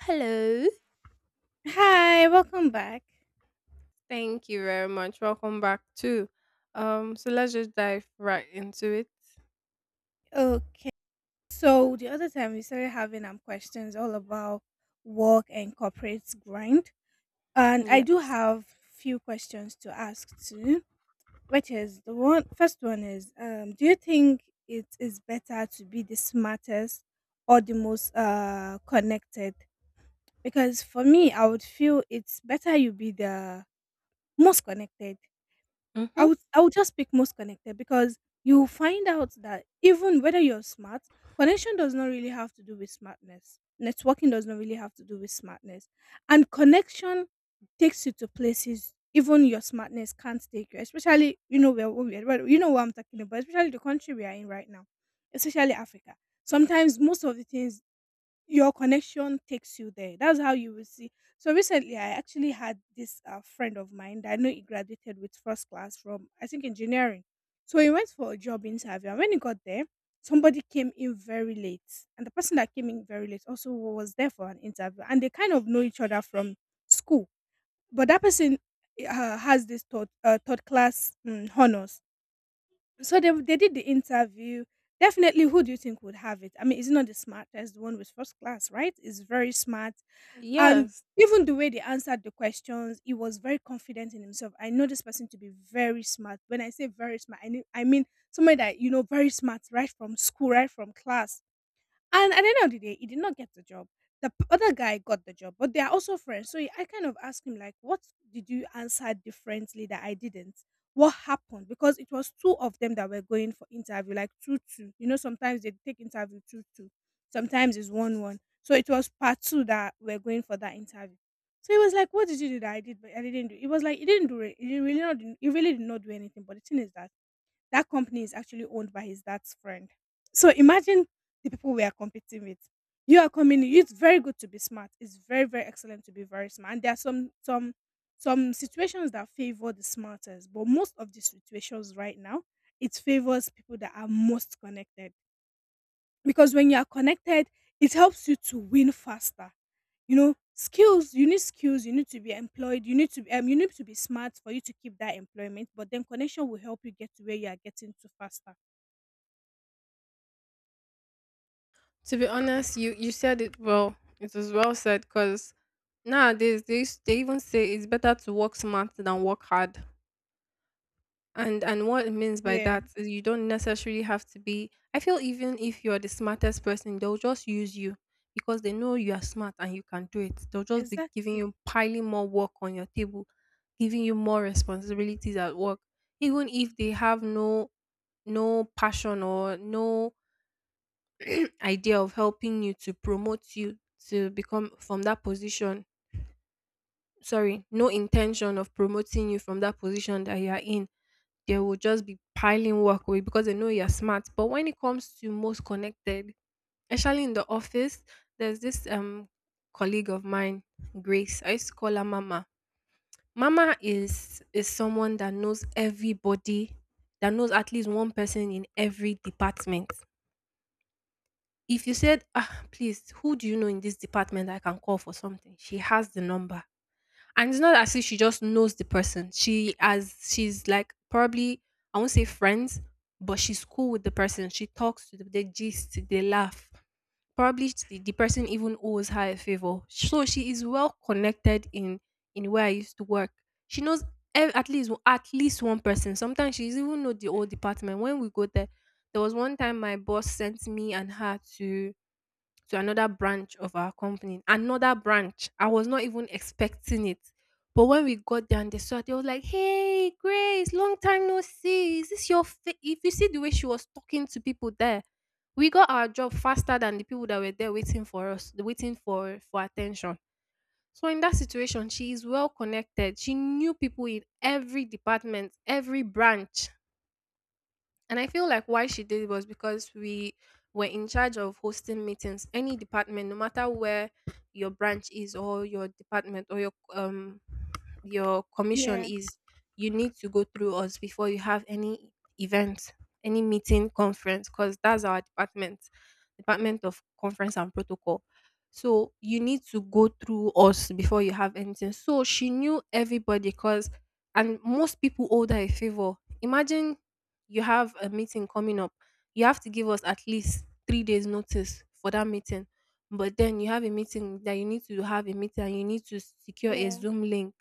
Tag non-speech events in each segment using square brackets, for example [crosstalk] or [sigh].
Hello. Hi, welcome back. Thank you very much. Welcome back to. So let's just dive right into it. Okay, so the other time we started having questions all about work and corporate grind, and I Yeah. do have few questions to ask too. Which is the one first one is do you think it is better to be the smartest or the most connected? Because for me, I would feel it's better you be the most connected. I Mm-hmm. would I would just pick most connected because you find out that even whether you're smart, connection does not really have to do with smartness. Networking does not really have to do with smartness. And connection takes you to places even your smartness can't take you. Especially, you know, where we are, well, you know what I'm talking about, especially the country we are in right now, especially Africa. Sometimes most of the things your connection takes you there. That's how you will see. So recently, I actually had this friend of mine that I know he graduated with first class from, I think, engineering. So he went for a job interview, and when he got there, somebody came in very late, and the person that came in very late also was there for an interview, and they kind of know each other from school. But that person has this third class honors, so they did the interview. Definitely, who do you think would have it? I mean, is not the smartest, the one with first class, right? Is very smart. And Yes. even the way they answered the questions, he was very confident in himself. I know this person to be very smart. When I say very smart, I mean somebody that, you know, very smart, right from school, right from class. And at the end of the day, he did not get the job. Other guy got the job, but they are also friends. So I kind of asked him, like, what did you answer differently that I didn't? What happened? Because it was two of them that were going for interview, like two two. You know, sometimes they take interview two two, sometimes it's one one. So it was part two that were going for that interview. So he was like, "What did you do that I did, but I didn't do?" It was like he didn't do it. He really not. He really did not do anything. But the thing is that that company is actually owned by his dad's friend. So imagine the people we are competing with. You are coming in. It's very good to be smart. It's very very excellent to be very smart. And there are some situations that favor the smartest, but most of the situations right now it favors people that are most connected because when you are connected, it helps you to win faster. You know, skills, you need to be employed, you need to be you need to be smart for you to keep that employment, but then connection will help you get to where you are getting to faster. To be honest, you said it well. It was well said because nowadays they even say it's better to work smart than work hard. And what it means by Yeah. that is you don't necessarily have to be. I feel even if you're the smartest person, they'll just use you because they know you are smart and you can do it. They'll just be giving Exactly. you piling more work on your table, giving you more responsibilities at work, even if they have no no passion or no idea of helping you to promote you to become from that position. Sorry, no intention of promoting you from that position that you are in they will just be piling work away because they know you're smart. But when it comes to most connected, especially in the office, there's this colleague of mine, Grace. I used to call her Mama. Mama is someone that knows everybody, that knows at least one person in every department. If you said, ah, please, who do you know in this department I can call for something? She has the number and it's not as if she just knows the person. She's like probably I won't say friends, but she's cool with the person. She talks to them, they gist, they laugh. Probably the person even owes her a favor. So she is well connected in where I used to work. She knows at least one person. Sometimes she even know the whole department. When we go there, there was one time my boss sent me and her to another branch of our company. Another branch. I was not even expecting it. But when we got there and they saw, it, they was like, "Hey, Grace, long time no see. Is this your fa-? If you see the way she was talking to people there, we got our job faster than the people that were there waiting for us, waiting for attention. So in that situation, she is well connected. She knew people in every department, every branch. And I feel like why she did it was because we were in charge of hosting meetings. Any department, no matter where your branch is or your department or your commission Yeah. is, you need to go through us before you have any event, any meeting, conference, because that's our department, department of conference and protocol. So you need to go through us before you have anything. So she knew everybody because and most people owe her a favor. Imagine you have a meeting coming up. You have to give us at least 3 days notice for that meeting. But then you have a meeting that you need to have a meeting and you need to secure a Yeah. Zoom link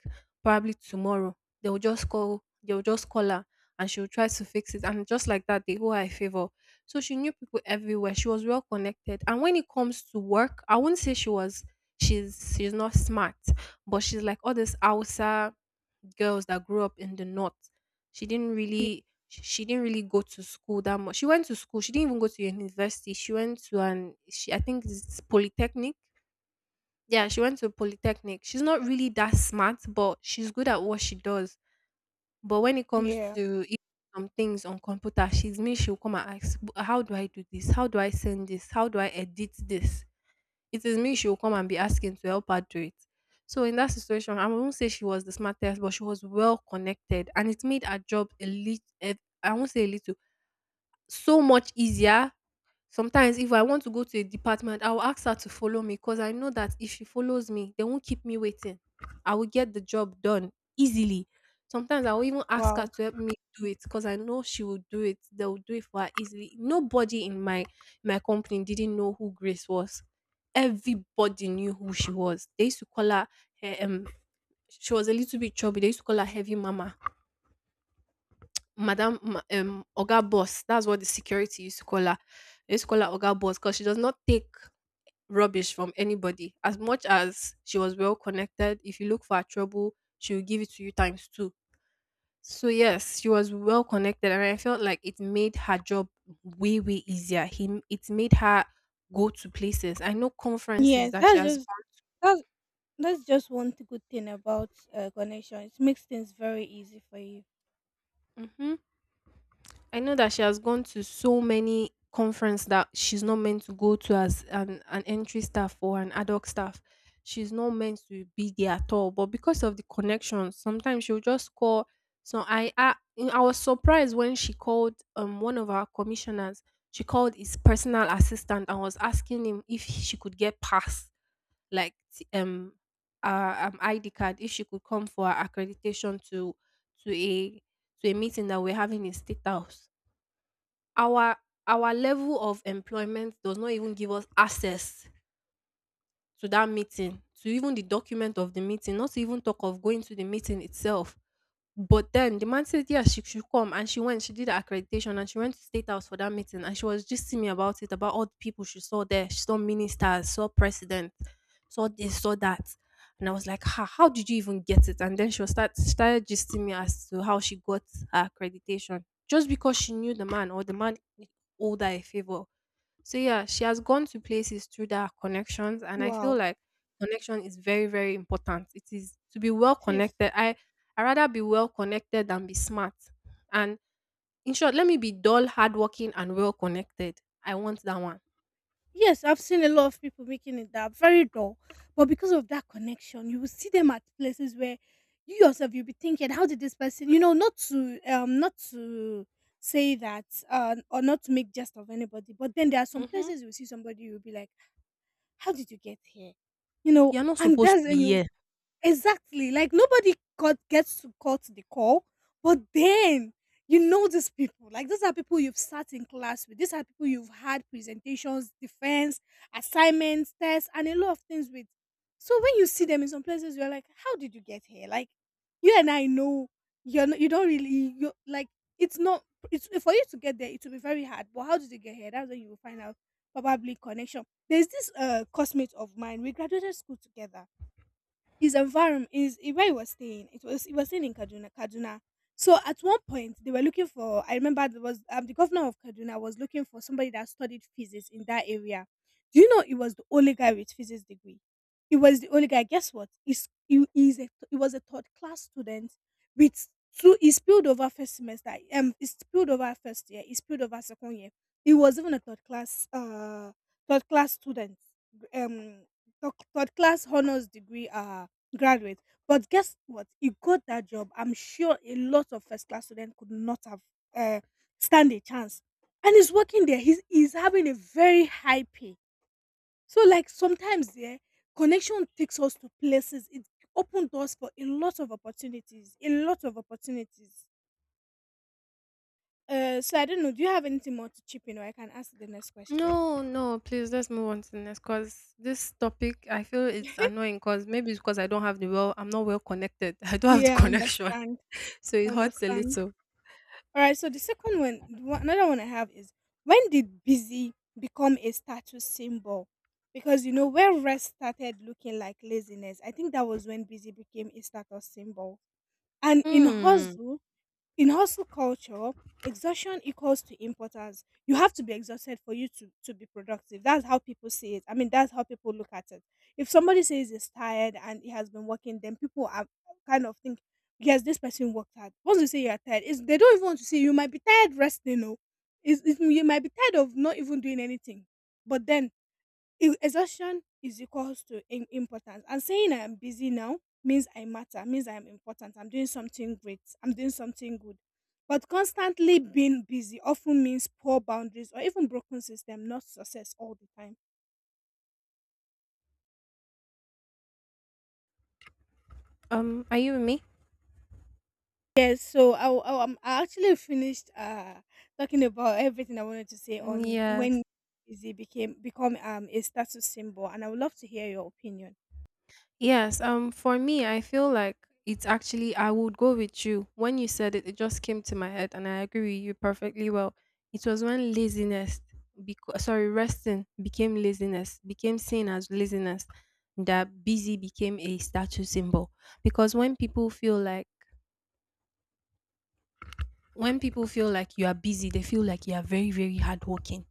probably tomorrow. They'll just call her and she'll try to fix it. And just like that, they owe her a favor. So she knew people everywhere. She was well connected. And when it comes to work, I wouldn't say she's not smart, but she's like all these outside girls that grew up in the north. She didn't really Sh she didn't really go to school that much. She went to school, she didn't even go to university. She went to an she I think it's polytechnic. Yeah, she went to polytechnic. She's not really that smart, but she's good at what she does. But when it comes Yeah. to I some things on computer, she's me, she'll come and ask, "How do I do this? How do I send this? How do I edit this?" It is me she'll come and be asking to help her do it. So in that situation, I won't say she was the smartest, but she was well connected, and it made her job a little. I won't say a little so much easier. Sometimes if I want to go to a department, I will ask her to follow me because I know that if she follows me, they won't keep me waiting. I will get the job done easily. Sometimes I will even ask her Wow. to help me do it because I know she will do it. They will do it for her easily. Nobody in my company didn't know who Grace was. Everybody knew who she was. They used to call her eh, um she was a little bit chubby. They used to call her heavy mama Madam, ma Oga Boss, that's what the security used to call her. They used to call her Oga Boss because she does not take rubbish from anybody. As much as she was well connected, if you look for her trouble, she will give it to you times 2. So yes, she was well connected and I felt like it made her job way, way easier. Him it made her go to places. I know conferences Yes, that she that's has. just that's that's just one good thing about connection. It makes things very easy for you. Mhm. I know that she has gone to so many conference that she's not meant to go to as an entry staff or an adult staff. She's not meant to be there at all. But because of the connections, sometimes she'll just call. So I was surprised when she called one of our commissioners. She called his personal assistant and was asking him if she could get pass like t- ID card if she could come for her accreditation to a to a meeting that we're having in state house our our level of employment does not even give us access to that meeting, to even the document of the meeting, not to even talk of going to the meeting itself. But then the man said, "Yeah, she should come," and she went. She did her accreditation, and she went to State House for that meeting. And she was just me about it, about all the people she saw there. She saw ministers, saw president, saw this, saw that. And I was like, "Ha, how did you even get it?" And then she was start started gisting me as to how she got her accreditation, just because she knew the man or the man owed her a favor so yeah, she has gone to places through that connections, and I feel Wow. like connection is very, very important. It is to be well It is. connected. I rather be well connected than be smart. And in short, let me be dull, hardworking, and well connected. I want that one. Yes, I've seen a lot of people making it that very dull, but because of that connection, you will see them at places where you yourself you'll be thinking, how did this person, you know, not to not to say that or not to make jest of anybody, but then there are some Mm-hmm. places you see somebody you'll be like, how did you get here, you know, You're not and supposed that's to be and you. here. Exactly. Like nobody cut, gets to cut the call, but then you know these people. Like these are people you've sat in class with. These are people you've had presentations, defense, assignments, tests, and a lot of things with. So when you see them in some places, you're like, "How did you get here?" Like you and I know you're not, you don't really you like it's not it's for you to get there. It will be very hard. But how did you get here? That's when you will find out probably connection. There's this classmate of mine. We graduated school together his environment is where he was staying. It was he was staying in Kaduna, Kaduna. So at one point they were looking for. I remember there was the governor of Kaduna was looking for somebody that studied physics in that area. Do you know he was the only guy with physics degree? He was the only guy. Guess what? He was a third class student with two. He spilled over first semester. He spilled over first year. He spilled over second year. He was even a third class student. Um, third class honors degree graduate. But guess what? He got that job. I'm sure a lot of first class students could not have uh, stand a chance. And he's working there. He's having a very high pay. So like sometimes yeah, connection takes us to places. It opened doors for a lot of opportunities. A lot of opportunities. So I don't know. Do you have anything more to chip in, or I can ask the next question? No, no, please let's move on to the next because this topic I feel it's [laughs] annoying because maybe it's because I don't have the well I'm not well connected. [laughs] I don't have the Yeah, I connection. [laughs] understand. So I it hurts a understand. little. Alright, so the second one, one another one I have is when did busy become a status symbol? Because you know when rest started looking like laziness, I think that was when busy became a status symbol. And in Hmm. Hustle culture exhaustion equals to importance. You have to be exhausted for you to be productive. That's how people see it. I mean, that's how people look at it. If somebody says he's tired and he has been working, then people are kind of think, yes, this person worked hard. Once you say you're tired, they don't even want to see you. You might be tired resting. No, you might be tired of not even doing anything, but then exhaustion is equals to importance, and saying I am busy now means I matter, means I am important, I'm doing something great, I'm doing something good, but constantly being busy often means poor boundaries or even broken system, not success all the time. Are you with me? Yes, so I actually finished talking about everything I wanted to say Mm, on yes. when busy became become a status symbol, and I would love to hear your opinion. Yes. For me, I feel like it's actually, I would go with you. When you said it, it just came to my head, and I agree with you perfectly well. It was when laziness, because sorry, resting became laziness, became seen as laziness, that busy became a status symbol. Because when people feel like you are busy, they feel like you are very, very hardworking.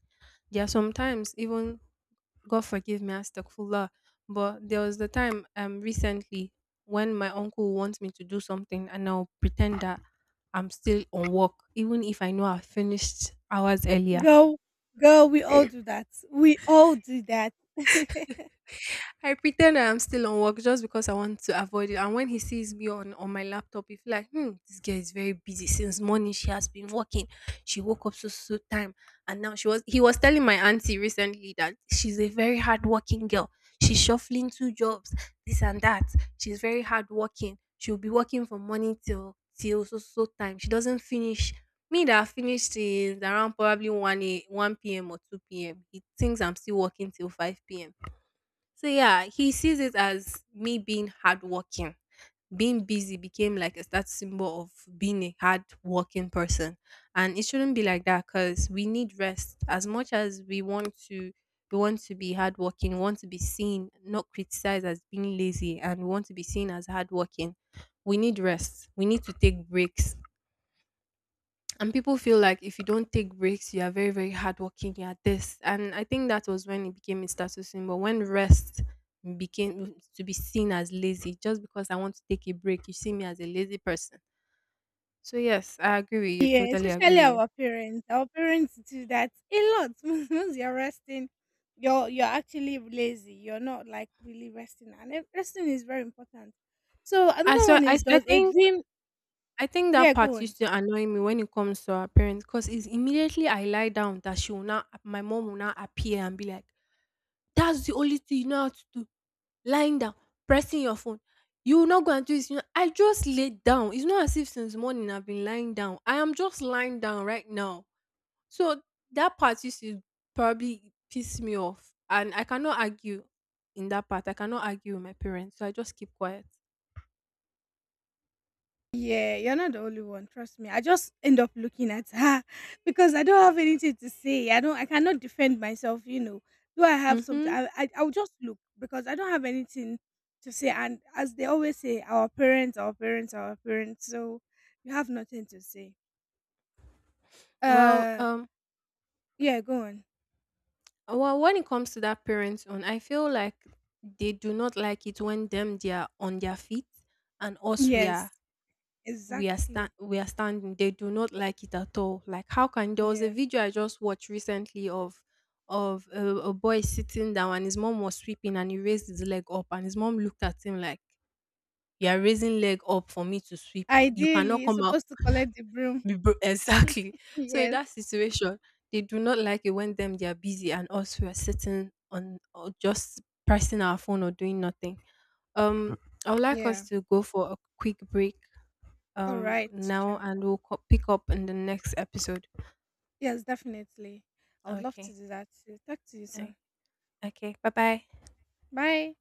There are sometimes even God forgive me, astaghfirullah. But there was the time recently when my uncle wants me to do something and I'll pretend that I'm still on work, even if I know I finished hours earlier. Girl girl we all do that. We all do that. I pretend I am still on work just because I want to avoid it. And when he sees me on my laptop, he's like, hmm, this girl is very busy since morning. She has been working. She woke up so so time. And now she was he was telling my auntie recently that she's a very hardworking girl. She's shuffling two jobs, this and that. She's very hardworking. She'll be working from morning till so so time. She doesn't finish. Me that I finished is around probably 1 p.m. or 2 p.m. He thinks I'm still working till 5 p.m so yeah, he sees it as me being hardworking. Being busy became like a status symbol of being a hardworking person, and it shouldn't be like that because we need rest as much as we want to. We want to be hardworking, we want to be seen, not criticized as being lazy, and we want to be seen as hardworking. We need rest. We need to take breaks and people feel like if you don't take breaks you are very very hardworking you are this and I think that was when it became a status symbol when rest became to be seen as lazy just because I want to take a break you see me as a lazy person so yes I agree with you Yeah, totally agree especially with you our parents. Our parents do that a lot. [laughs] Once you're resting, you're actually lazy. You're not like really resting, and resting is very important. So another one is I does a think dream? Yeah, that go part on. used to annoy me when it comes to our parents because it's immediately I lie down that she will now my mom will now appear and be like, "That's the only thing you know how to do lying down, pressing your phone. You will not go and do this." You know, I just laid down. It's not as if since morning I've been lying down. I am just lying down right now. So that part used to probably piss me off. And I cannot argue in that part. I cannot argue with my parents. So I just keep quiet. Yeah, you're not the only one. Trust me. I just end up looking at her [laughs] because I don't have anything to say. I don't. I cannot defend myself. You know. Do I have something? Mm-hmm. I'll just look because I don't have anything to say. And as they always say, our parents, our parents, our parents. So you have nothing to say. Well, Uh, yeah. Go on. well, when it comes to that parents on, I feel like they do not like it when them they are on their feet and us Yes, exactly. we are standing they do not like it at all like how can there was a Yeah. video I just watched recently of a boy sitting down and his mom was sweeping and he raised his leg up and his mom looked at him like you are raising leg up for me to sweep you Ideally, cannot you're come out supposed to collect the broom. [laughs] be bro-" [laughs] exactly so in Yes. that situation they do not like it when them they are busy and us we are sitting on or just pressing our phone or doing nothing um I would like us Yeah. to go for a quick break All right. now Sure. and pick up in the next episode. Yes, definitely. I would love to Okay. do that too. Talk to you Eh, soon. okay. Bye bye. Bye.